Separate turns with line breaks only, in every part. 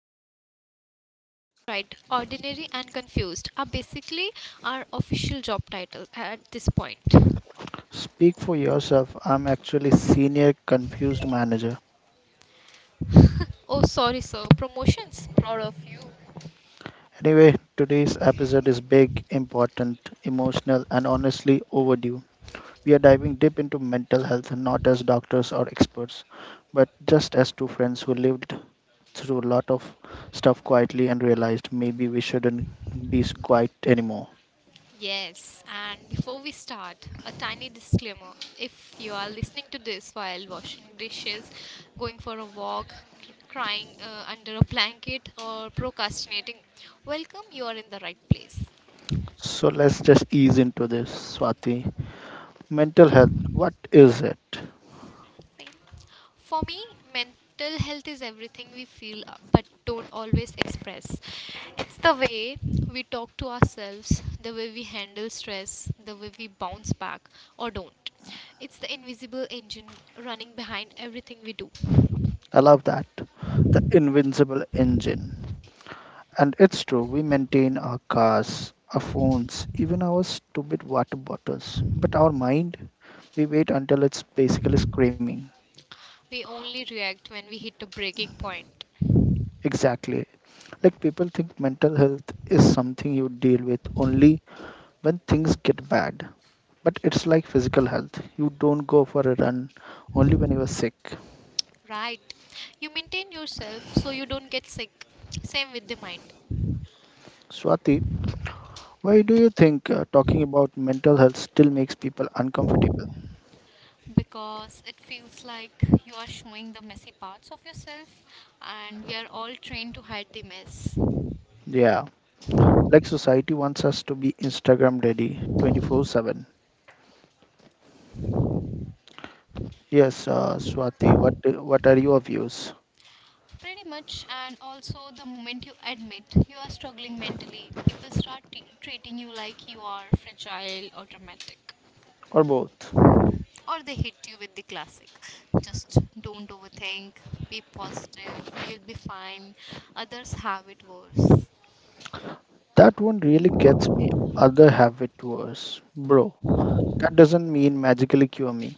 Swati, and yes, Sid is right. Ordinary and confused are basically our official job titles at this point.
Speak for yourself. I'm actually senior confused manager.
Oh, sorry, sir. Promotions. Proud of you.
Anyway, today's episode is big, important, emotional and honestly overdue. We are diving deep into mental health, not as doctors or experts, but just as two friends who lived through a lot of stuff quietly and realized maybe we shouldn't be quiet anymore.
Yes, and before we start, a tiny disclaimer. If you are listening to this while washing dishes, going for a walk, crying under a blanket, or procrastinating, welcome, you are in the right place.
So let's just ease into this, Swati. Mental health, what is it?
Pain. For me, mental health is everything we feel but don't always express. It's the way we talk to ourselves, the way we handle stress, the way we bounce back or don't. It's the invisible engine running behind everything we do.
I love that. The invincible engine. And it's true, we maintain our cars, our phones, even our stupid water bottles. But our mind, we wait until it's basically screaming.
We only react when we hit a breaking point.
Exactly. Like people think mental health is something you deal with only when things get bad. But it's like physical health. You don't go for a run only when you are sick.
Right. You maintain yourself so you don't get sick. Same with the mind.
Swati, why do you think talking about mental health still makes people uncomfortable?
Because it feels like you are showing the messy parts of yourself, and we are all trained to hide the mess.
Yeah, like society wants us to be Instagram ready 24/7. Yes, Swati, what are your views
Pretty much, and also the moment you admit you are struggling mentally, people start treating you like you are fragile or dramatic.
or both?
Or they hit you with the classic: just don't overthink, be positive, you'll be fine, others have it worse.
That one really gets me. Other have it worse, bro. That doesn't mean magically cure me.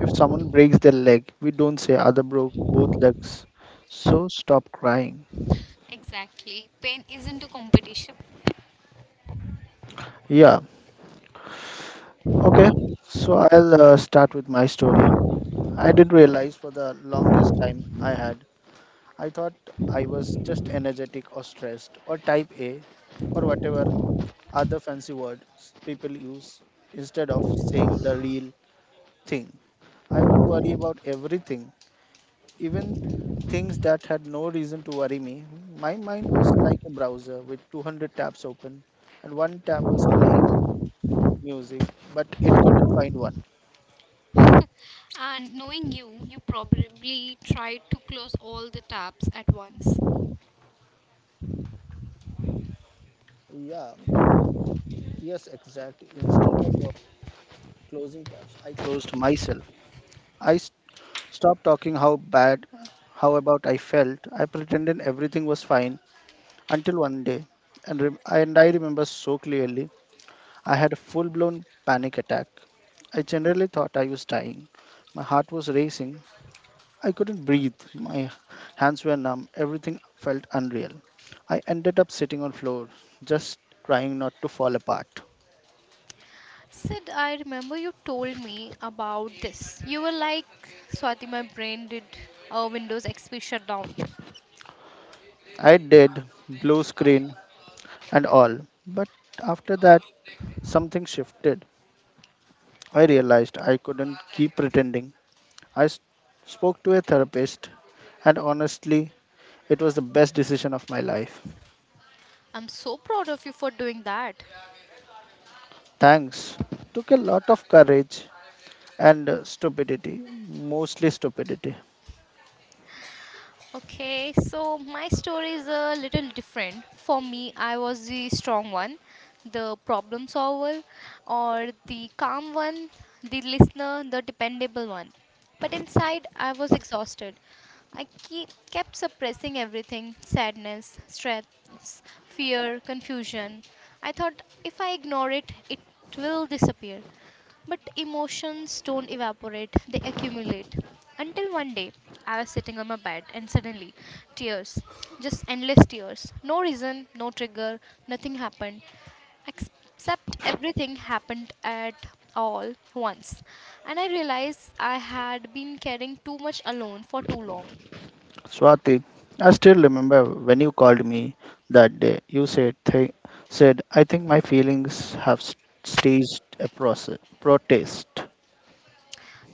If someone breaks their leg, we don't say other broke both legs. So stop crying.
Exactly, pain isn't a competition.
Yeah, okay. So I'll start with my story. I didn't realize for the longest time I had. I thought I was just energetic or stressed or type A or whatever other fancy words people use instead of saying the real thing. I would worry about everything. Even things that had no reason to worry me, my mind was like a browser with 200 tabs open, and one tab was playing music, but it couldn't find one.
And knowing you, you probably tried to close all the tabs at once.
Yeah, yes, exactly. Instead of closing tabs, I closed myself. I stopped talking how bad, how about I felt. I pretended everything was fine until one day, and I remember so clearly. I had a full blown panic attack. I generally thought I was dying. My heart was racing. I couldn't breathe. My hands were numb. Everything felt unreal. I ended up sitting on floor, just trying not to fall apart.
Sid, I remember you told me about this. You were like, Swati, my brain did a Windows XP shutdown.
I did, blue screen and all. But after that, something shifted. I realized I couldn't keep pretending. I spoke to a therapist, and honestly, it was the best decision of my life.
I'm so proud of you for doing that.
Thanks. Took a lot of courage and stupidity, mostly stupidity.
Okay, so my story is a little different. For me, I was the strong one, the problem solver, or the calm one, the listener, the dependable one. But inside, I was exhausted. Kept suppressing everything: sadness, stress, fear, confusion. I thought if I ignore it, it will disappear. But emotions don't evaporate, they accumulate. Until one day, I was sitting on my bed and suddenly, tears. Just endless tears. No reason, no trigger, nothing happened. Except everything happened at all once. And I realized I had been carrying too much alone for too long.
Swati, I still remember when you called me that day. You said, I think my feelings have staged a process, protest,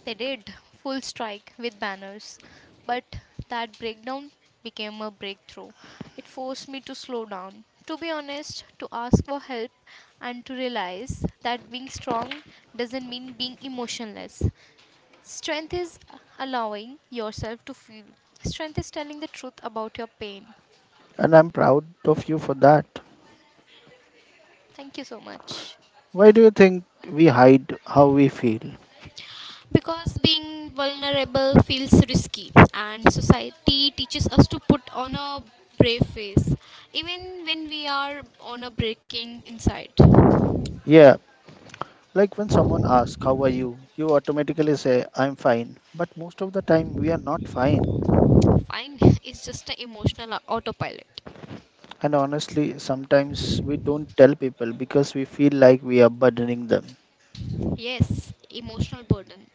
They did full strike with banners, but that breakdown became a breakthrough. It forced me to slow down, to be honest, to ask for help, and to realize that being strong doesn't mean being emotionless. Strength is allowing yourself to feel, strength is telling the truth about your pain.
and I'm proud of you for that.
Thank you so much.
Why do you think we hide how we feel?
Because being vulnerable feels risky, and society teaches us to put on a brave face even when we are on a breaking inside.
Yeah, like when someone asks, "How are you?" you automatically say, "I'm fine." But most of the time, we are not fine.
Fine. It's just an emotional autopilot.
And honestly, sometimes we don't tell people because we feel like we are burdening them.
Yes, emotional burden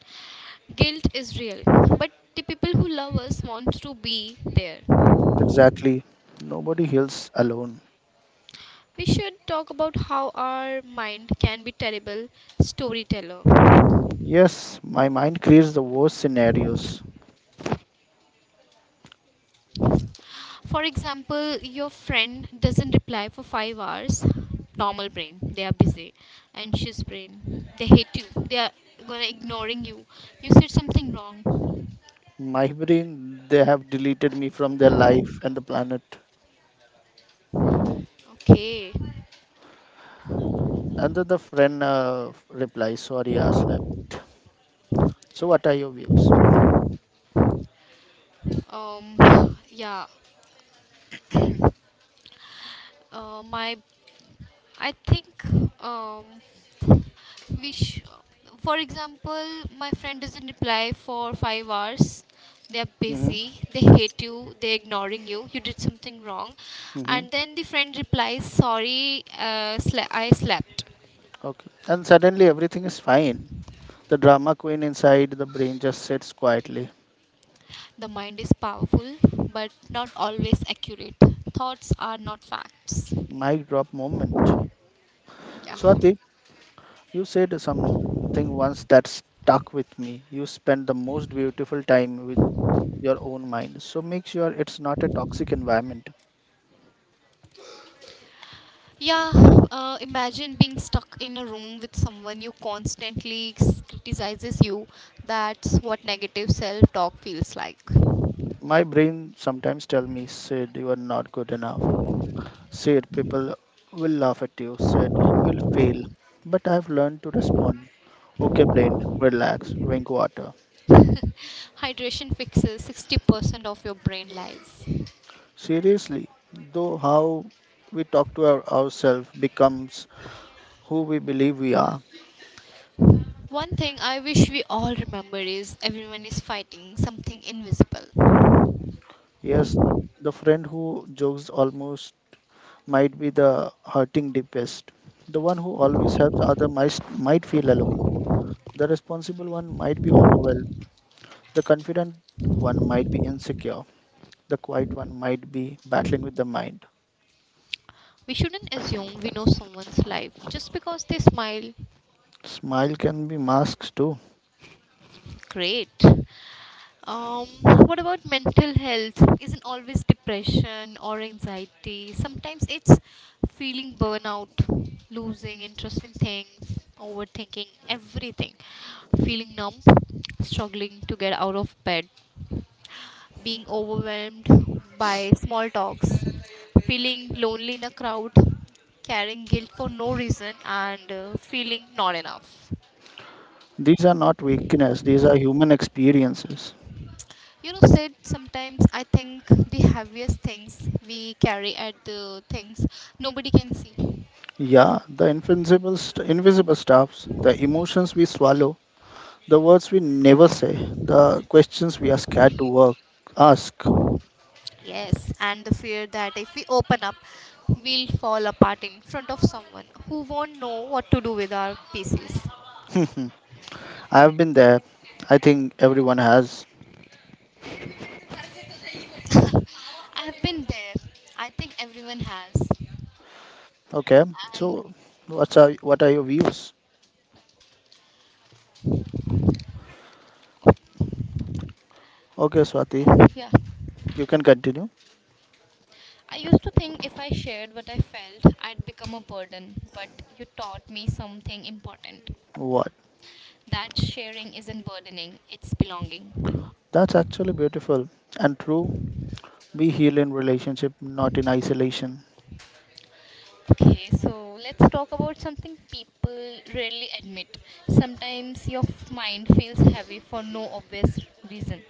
guilt is real, but the people who love us want to be there.
Exactly. Nobody heals alone.
We should talk about how our mind can be terrible storyteller.
Yes, my mind creates the worst scenarios.
For example, your friend doesn't reply for 5 hours. Normal brain, they are busy. Anxious brain, they hate you. They are gonna ignoring you. You said something wrong.
My brain, they have deleted me from their life and the planet.
Okay.
And then the friend replies, "Sorry, I slept." So, what are your views?
Yeah. My I think, um, we sh- for example, my friend doesn't reply for 5 hours. They are
Mm-hmm.
busy. They hate you. They're ignoring you. You did something wrong,
Mm-hmm.
and then the friend replies, "Sorry, I slept."
Okay. And suddenly everything is fine. The drama queen inside the brain just sits quietly.
The mind is powerful, but not always accurate. Thoughts are not facts.
Mic drop moment.
Yeah.
Swati. You said something once that stuck with me. You spend the most beautiful time with your own mind. So make sure it's not a toxic environment.
Yeah, imagine being stuck in a room with someone you constantly criticizes you. That's what negative self talk feels like.
My brain sometimes tell me, "Sid, you are not good enough. Sid, people will laugh at you. Sid, you'll fail." But I've learned to respond. Okay, brain, relax, drink water.
Hydration fixes 60% of your brain lies.
Seriously, though, how we talk to ourselves becomes who we believe we are.
One thing I wish we all remember is everyone is fighting something invisible.
Yes, the friend who jokes almost might be the hurting deepest. The one who always helps other might feel alone. The responsible one might be overwhelmed. The confident one might be insecure. The quiet one might be battling with the mind.
We shouldn't assume we know someone's life just because they smile.
Smile can be masks too.
Great. Um, what about mental health? Isn't always depression or anxiety? Sometimes it's feeling burnout, losing interest in things, overthinking everything, feeling numb, struggling to get out of bed, being overwhelmed by small talks, feeling lonely in a crowd, carrying guilt for no reason, and feeling not enough.
These are not weakness, these are human experiences.
You know, said sometimes I think the heaviest things we carry are the things nobody can see.
Yeah, the invisible stuffs, the emotions we swallow, the words we never say, the questions we are scared to work, ask.
Yes, and the fear that if we open up, we'll fall apart in front of someone who won't know what to do with our pieces.
I've been there. I think everyone has.
I have been there. I think everyone has.
Okay.
And
So, what are your views? Okay, Swati,
uh, yeah,
you can continue.
I used to think if I shared what I felt, I'd become a burden, but you taught me something important:
What?
that sharing isn't burdening, it's belonging.
That's actually beautiful and true. We heal in relationship, not in isolation.
Okay, so let's talk about something people rarely admit. Sometimes your mind feels heavy for no obvious reason.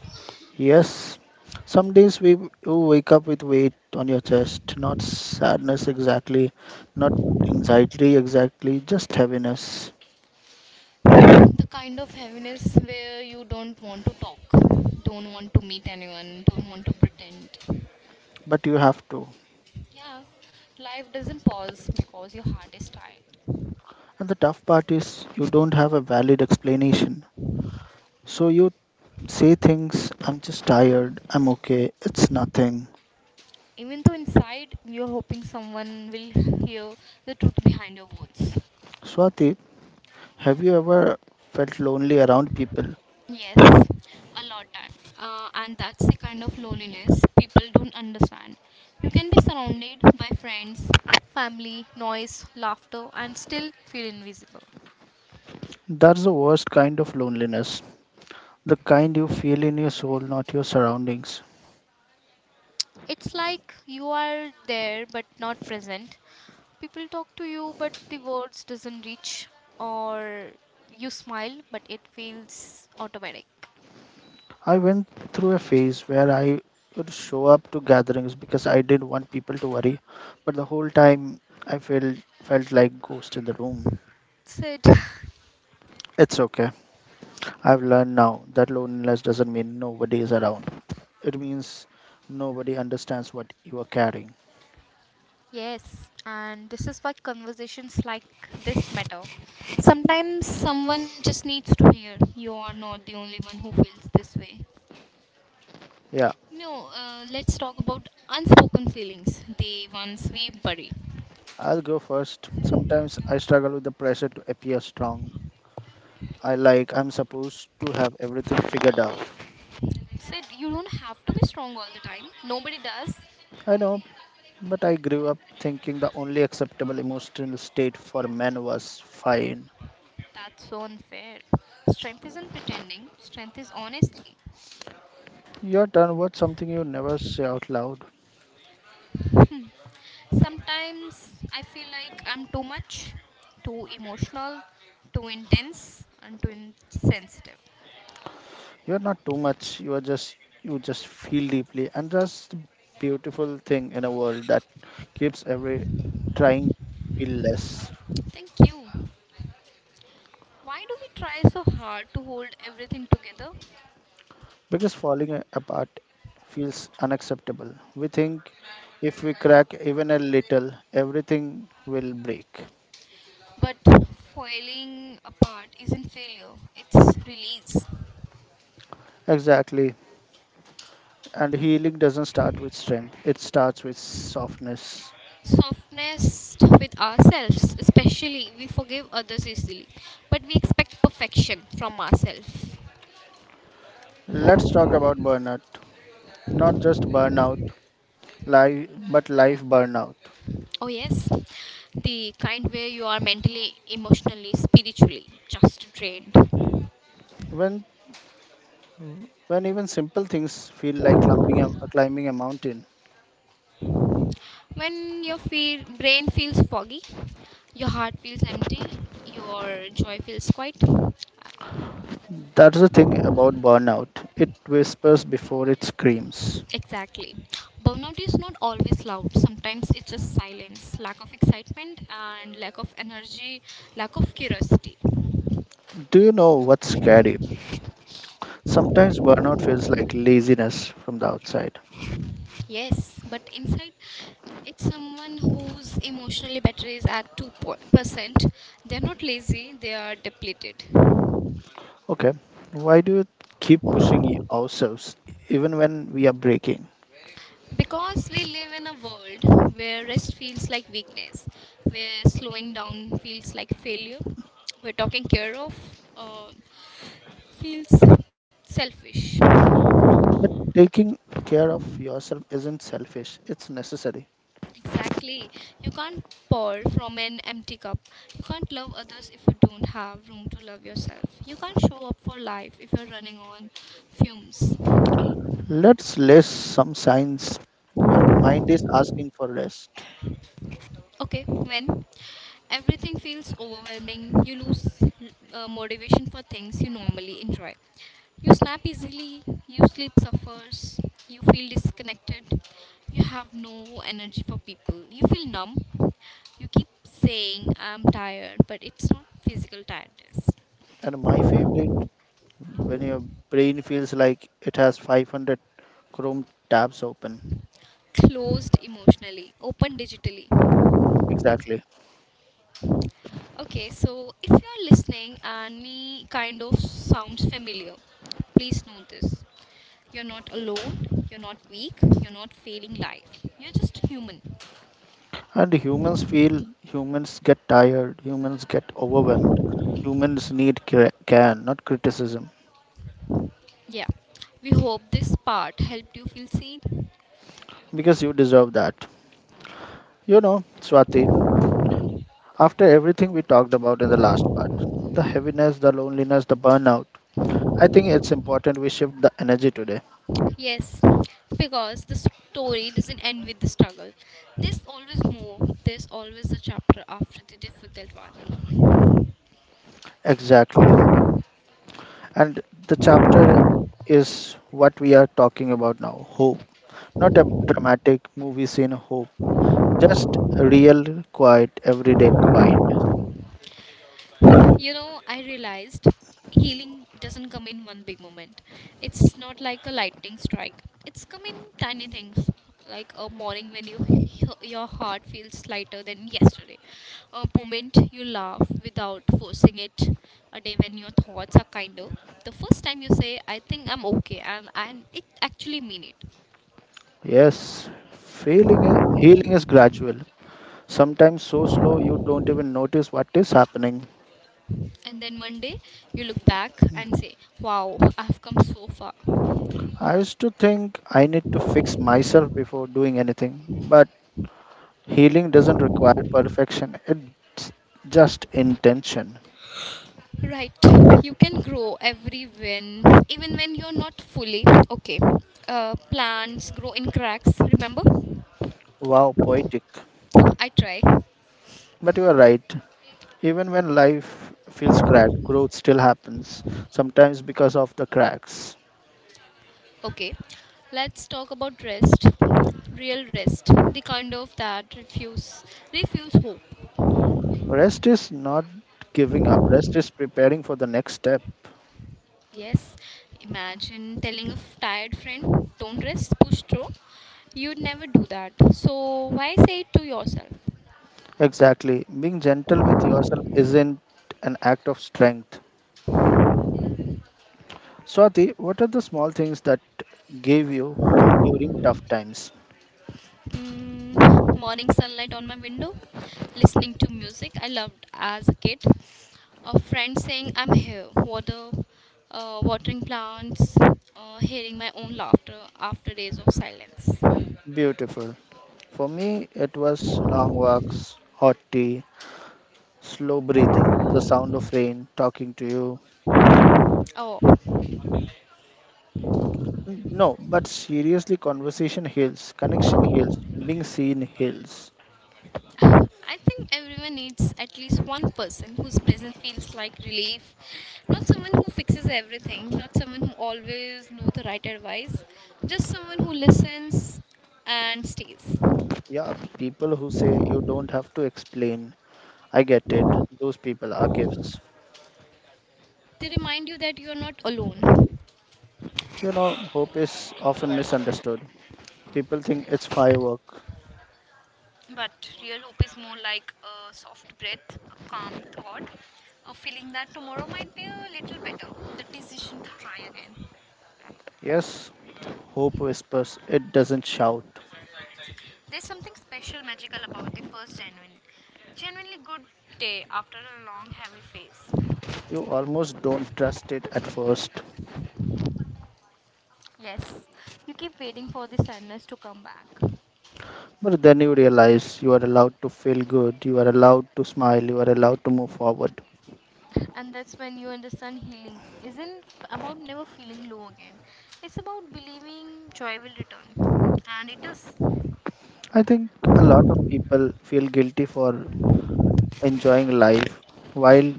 Yes. Some days we you wake up with weight on your chest, not sadness exactly, not anxiety exactly, just heaviness.
The kind of heaviness where you don't want to talk, don't want to meet anyone, don't want to pretend.
But you have to.
Yeah, life doesn't pause because your heart is tired.
And the tough part is you don't have a valid explanation. So you say things, I'm just tired, I'm okay, it's nothing.
Even though inside you're hoping someone will hear the truth behind your words.
Swati, have you ever felt lonely around people?
Yes, a lot time. And that's the kind of loneliness people don't understand. You can be surrounded by friends, family, noise, laughter, and still feel invisible.
That's the worst kind of loneliness, the kind you feel in your soul, not your surroundings.
It's like you are there but not present. People talk to you but the words doesn't reach, or you smile but it feels automatic.
I went through a phase where I would show up to gatherings because I didn't want people to worry, but the whole time I felt like ghost in the room.
That's it.
It's okay. I've learned now that loneliness doesn't mean nobody is around. It means nobody understands what you are carrying.
Yes, and this is why conversations like this matter. Sometimes someone just needs to hear you are not the only one who feels this way.
Yeah,
No, let's talk about unspoken feelings, the ones we bury.
I'll go first. Sometimes I struggle with the pressure to appear strong. I like I'm supposed to have everything figured out.
Said you don't have to be strong all the time. Nobody does.
I know, but I grew up thinking the only acceptable emotional state for men was fine.
That's so unfair. Strength isn't pretending, strength is honesty.
Your turn. What's something you never say out loud?
Sometimes I feel like I'm too much, too emotional, too intense, and too insensitive.
You're not too much. You just feel deeply and that's the beautiful thing in a world that keeps every trying to feel less.
Thank you. Why do we try so hard to hold everything together?
Because falling apart feels unacceptable. We think if we crack even a little, everything will break.
But falling apart isn't failure, it's release.
Exactly. And healing doesn't start with strength, it starts with softness.
Softness with ourselves, especially, we forgive others easily, but we expect perfection from ourselves.
Let's talk about burnout. Not just burnout, life, but life burnout.
Oh, yes, the kind where you are mentally, emotionally, spiritually just drained.
When when even simple things feel like climbing a mountain.
When your brain feels foggy, your heart feels empty, your joy feels quiet.
That's the thing about burnout. It whispers before it screams.
Exactly. Burnout is not always loud. Sometimes it's just silence, lack of excitement, and lack of energy, lack of curiosity.
Do you know what's scary? Sometimes burnout feels like laziness from the outside.
Yes, but inside, it's someone whose emotionally battery is at 2%. They're not lazy, they are depleted.
Okay, why do you keep pushing ourselves even when we are breaking?
Because we live in a world where rest feels like weakness, where slowing down feels like failure, where are talking care of. Uh, Feels selfish.
But taking care of yourself isn't selfish, it's necessary.
Exactly. You can't pour from an empty cup. You can't love others if you don't have room to love yourself. You can't show up for life if you're running on fumes.
Let's list some signs your mind is asking for rest.
Okay, when everything feels overwhelming, you lose motivation for things you normally enjoy. You snap easily, you sleep suffers, you feel disconnected, you have no energy for people, you feel numb. You keep saying, I'm tired, but it's not physical tiredness.
And my favorite, when your brain feels like it has 500 Chrome tabs open.
Closed emotionally, open digitally.
Exactly.
Okay, so if you're listening and any kind of sounds familiar, please know this. You're not alone, you're not weak, you're not failing life. You're just human.
And humans get tired, humans get overwhelmed, humans need care, not criticism,
Yeah. We hope this part helped you feel seen.
because you deserve that. You know, Swati, after everything we talked about in the last part, the heaviness, the loneliness, the burnout, I think it's important we shift the energy today.
Yes, because the story doesn't end with the struggle. There's always more, there's always a chapter after the difficult one.
Exactly. And the chapter is what we are talking about now hope. Not a dramatic movie scene hope, just real, quiet, everyday kind.
You know, I realized healing doesn't come in one big moment. It's not like a lightning strike. It's come in tiny things, like a morning when you your heart feels lighter than yesterday, a moment you laugh without forcing it, a day when your thoughts are kinder. The first time you say, "I think I'm okay," and it actually mean it.
Yes, healing is gradual, sometimes so slow you don't even notice what is happening.
And then one day you look back and say, "Wow, I've come so far."
I used to think I need to fix myself before doing anything, but healing doesn't require perfection, it's just intention.
Right. You can grow every when, even when you're not fully okay. Plants grow in cracks, remember?
Wow, poetic.
I try.
But you are right. Even when life feels cracked, growth still happens, sometimes because of the cracks.
Okay. Let's talk about rest. Real rest. The kind of that refuse hope.
Rest is not giving up, rest is preparing for the next step.
Yes. Imagine telling a tired friend, don't rest, push through. You'd never do that. So why say it to yourself?
Exactly. Being gentle with yourself isn't an act of strength. Swati, what are the small things that gave you hope during tough times?
Mm, morning sunlight on my window, listening to music I loved as a kid. A friend saying I'm here, watering plants, hearing my own laughter after days of silence.
Beautiful. For me, it was long walks, hot tea, slow breathing, the sound of rain, talking to you.
Oh,
No, but seriously, conversation heals, connection heals, being seen heals.
I think everyone needs at least one person whose presence feels like relief. Not someone who fixes everything, not someone who always knows the right advice, just someone who listens and stays.
Yeah, people who say you don't have to explain, I get it. Those people are gifts.
They remind you that you are not alone.
You know, hope is often misunderstood. People think it's firework.
But real hope is more like a soft breath, a calm thought, a feeling that tomorrow might be a little better, the decision to try again.
Yes, hope whispers, it doesn't shout.
There's something special, magical about the first genuinely good day after a long, heavy phase.
You almost don't trust it at first.
Yes, you keep waiting for the sadness to come back,
But then you realize you are allowed to feel good, you are allowed to smile, you are allowed to move forward.
and that's when you understand healing isn't about never feeling low again. It's about believing joy will return, and it does.
I think a lot of people feel guilty for enjoying life while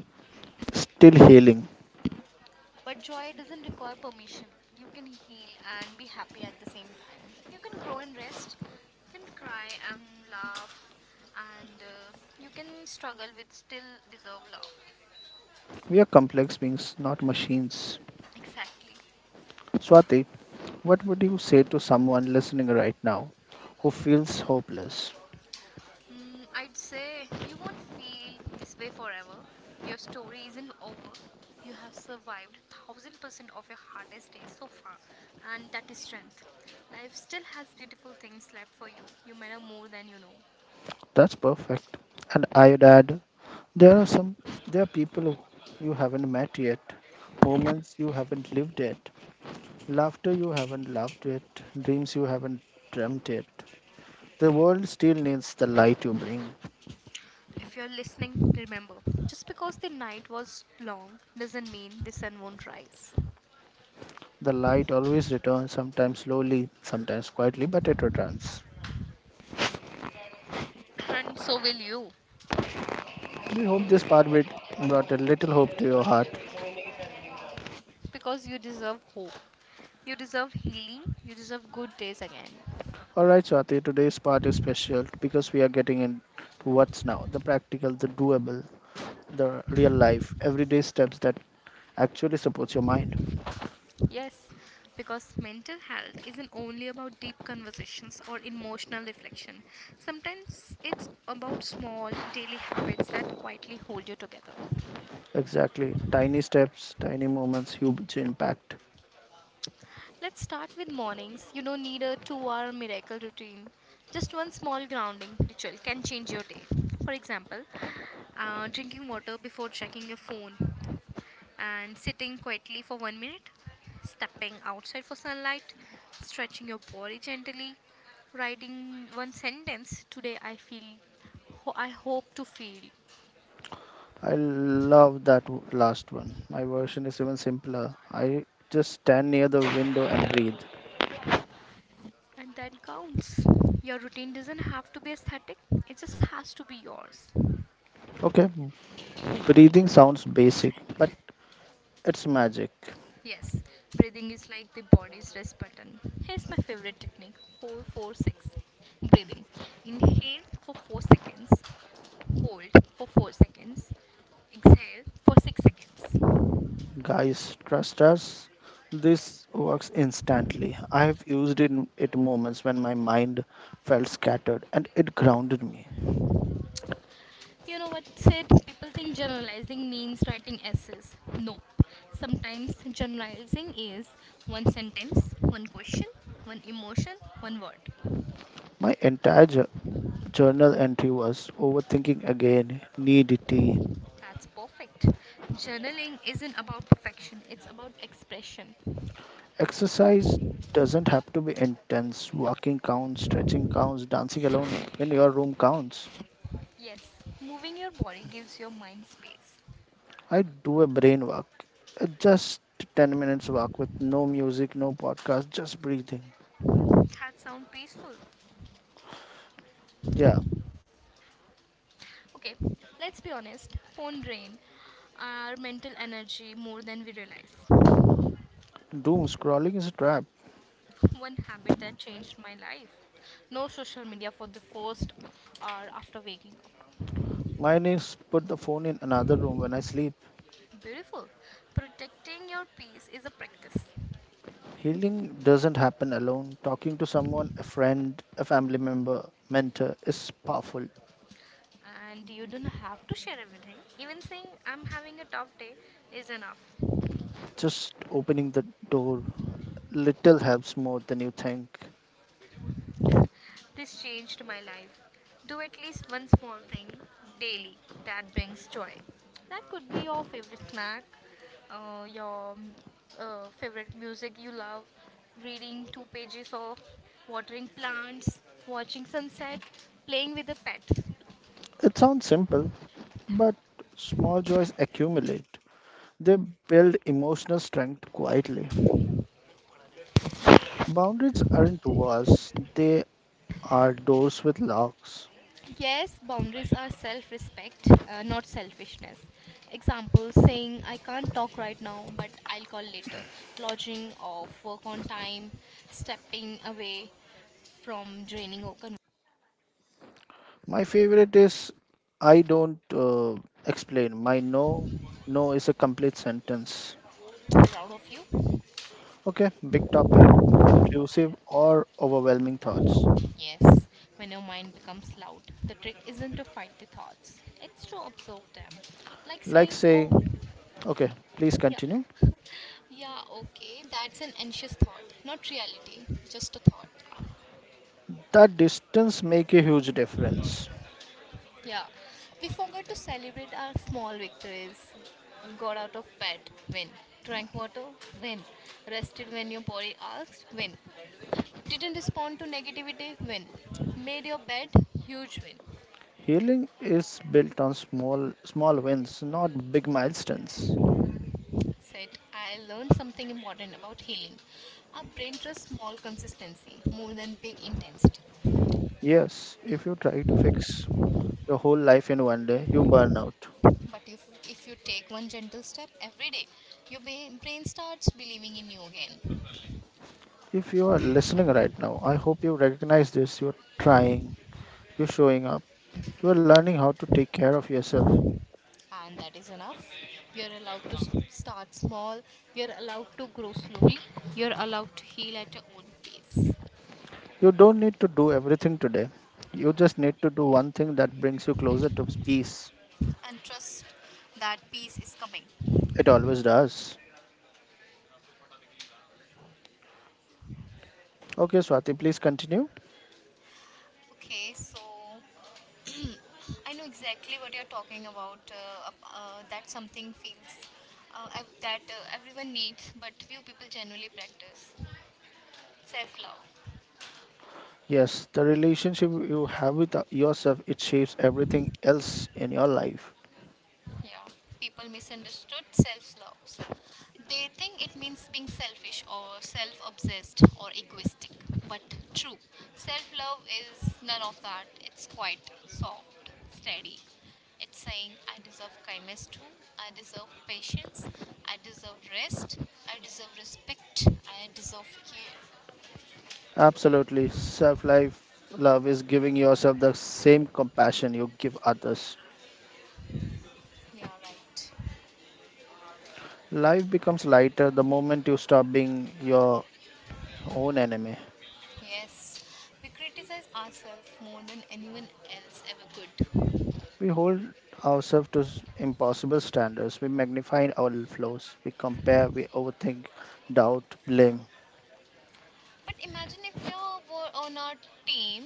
still healing.
But joy doesn't require permission. You can heal and be happy at the same time. You can grow and rest. You can cry and laugh. And you can struggle with still deserve love.
We are complex beings, not machines.
Exactly.
Swati, what would you say to someone listening right now who feels hopeless?
Mm, I'd say you won't feel this way forever. Your story isn't over. You have survived 1000% of your hardest days so far, and that is strength. Life still has beautiful things left for you. You matter more than you know.
That's perfect. And I would add, there are some, there are people who you haven't met yet, moments you haven't lived yet, laughter you haven't laughed yet, dreams you haven't dreamt yet. The world still needs the light you bring.
If you're listening, remember just because the night was long doesn't mean the sun won't rise.
The light always returns, sometimes slowly, sometimes quietly, but it returns.
And so will you,
We hope this part bit brought a little hope to your heart.
because you deserve hope. You deserve healing. You deserve good days again.
All right, Swati, today's part is special because we are getting into what's now the practical, the doable, the real life, everyday steps that actually supports your mind.
Yes, because mental health isn't only about deep conversations or emotional reflection. Sometimes it's about small daily habits that quietly hold you together.
Exactly. Tiny steps, tiny moments, huge impact.
Let's start with mornings. You don't need a 2 hour miracle routine. Just one small grounding ritual can change your day. For example, drinking water before checking your phone and sitting quietly for 1 minute, stepping outside for sunlight, stretching your body gently, writing one sentence today I feel, I hope to feel,
I love that last one. My version is even simpler. I just stand near the window and breathe.
and that counts. Your routine doesn't have to be aesthetic, it just has to be yours.
Okay, breathing sounds basic, but it's magic.
Yes, breathing is like the body's rest button. Here's my favorite technique, 446 breathing. Inhale for 4 seconds, hold for 4 seconds, exhale for 6 seconds.
Guys, trust us. This works instantly. I have used it in it moments when my mind felt scattered and it grounded me.
You know what, Sid? People think generalizing means writing essays. Nope. Sometimes generalizing is one sentence, one question, one emotion, one word.
My entire journal entry was overthinking again, need tea.
That's perfect. Journaling isn't about perfection, it's about expression.
Exercise doesn't have to be intense. Walking counts, stretching counts, dancing alone in your room counts.
Yes, moving your body gives your mind space.
I do a brain walk, a just 10 minutes walk with no music, no podcast, just breathing.
That sounds peaceful.
Yeah,
Okay, let's be honest. Phone drain our mental energy more than we realize.
doom scrolling is a trap.
One habit that changed my life: no social media for the first hour after waking up.
Mine is put the phone in another room when I sleep.
Beautiful. Protecting your peace is a practice.
Healing doesn't happen alone. Talking to someone, a friend, a family member, mentor is powerful.
And you don't have to share everything. Even saying I'm having a tough day is enough.
Just opening the door little helps more than you think.
This changed my life. Do at least one small thing daily that brings joy. That could be your favorite snack, your favorite music you love, reading two pages of watering plants, watching sunset, playing with a pet.
It sounds simple, but small joys accumulate. They build emotional strength quietly. Boundaries aren't walls, they are doors with locks.
Yes, boundaries are self respect, not selfishness. Example saying, I can't talk right now, but I'll call later. Lodging off, work on time, stepping away from draining or converting
My favorite is I don't explain. My no, no is a complete sentence.
it out of you?
Okay, big topic, intrusive or overwhelming thoughts.
Yes, when your mind becomes loud, the trick isn't to fight the thoughts, it's to observe them. Like
Like
saying, oh,
saying, okay, please
yeah,
continue.
yeah, okay, that's an anxious thought, not reality, just a thought.
That distance make a huge difference.
Yeah, we forgot to celebrate our small victories. Got out of bed, win. Drank water, win. Rested when your body asked, win. Didn't respond to negativity, win. Made your bed, huge win.
Healing is built on small wins, not big milestones.
Said, I learned something important about healing. Our brain trusts small consistency more than big intensity.
Yes, if you try to fix your whole life in one day, you burn out.
But if you take one gentle step every day, your brain starts believing in you again.
If you are listening right now, I hope you recognize this. You're trying, you're showing up. You are learning how to take care of yourself.
And that is enough. You're allowed to start small, you're allowed to grow slowly, you're allowed to heal at your own pace.
You don't need to do everything today. You just need to do one thing that brings you closer to peace.
And trust that peace is coming.
It always does. Okay, Swati, please continue.
Okay, so I know exactly what you're talking about. That something feels that everyone needs, but few people generally practice self love.
Yes, the relationship you have with yourself it shapes everything else in your life.
Yeah, people misunderstood self love. They think it means being selfish or self obsessed or egoistic. But true, self love is none of that. It's quite soft, steady. It's saying, I deserve kindness too, I deserve patience, I deserve rest, I deserve respect, I deserve care.
Absolutely. Self-life love is giving yourself the same compassion you give others.
Yeah, right.
Life becomes lighter the moment you stop being your own enemy.
Yes, we criticize ourselves more than anyone else ever could.
We hold ourselves to impossible standards. We magnify our flaws. We compare, we overthink, doubt, blame.
But imagine if you were on our team,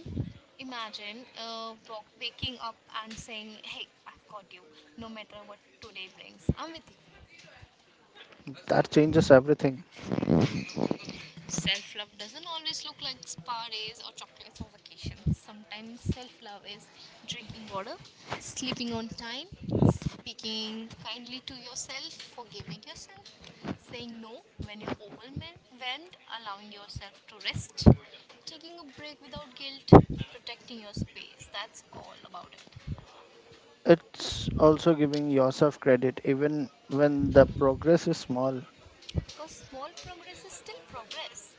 imagine waking up and saying, hey, I've got you, no matter what today brings. I'm with you.
That changes everything.
Self love doesn't always look like spa days or chocolates or vacations. Sometimes self love is drinking water, sleeping on time, speaking kindly to yourself, forgiving yourself, saying no when you're overwhelmed, allowing yourself to rest, taking a break without guilt, protecting your space. That's all about it.
It's also giving yourself credit even when the progress is small.
Because small progress is still progress.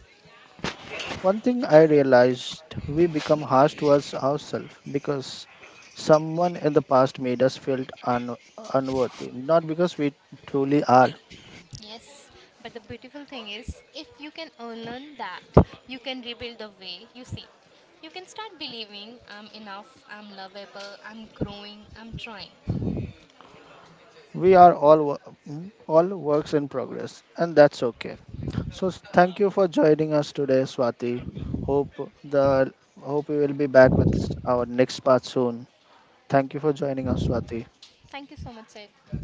One thing I realized we become harsh towards ourselves because someone in the past made us feel unworthy, not because we truly are.
Yes, but the beautiful thing is, if you can unlearn that, you can rebuild the way you see. You can start believing I'm enough, I'm lovable, I'm growing, I'm trying.
We are all all works in progress, and that's okay. So thank you for joining us today, Swati. Hope the hope we will be back with our next part soon. Thank you for joining us, Swati.
Thank you so much, Sid.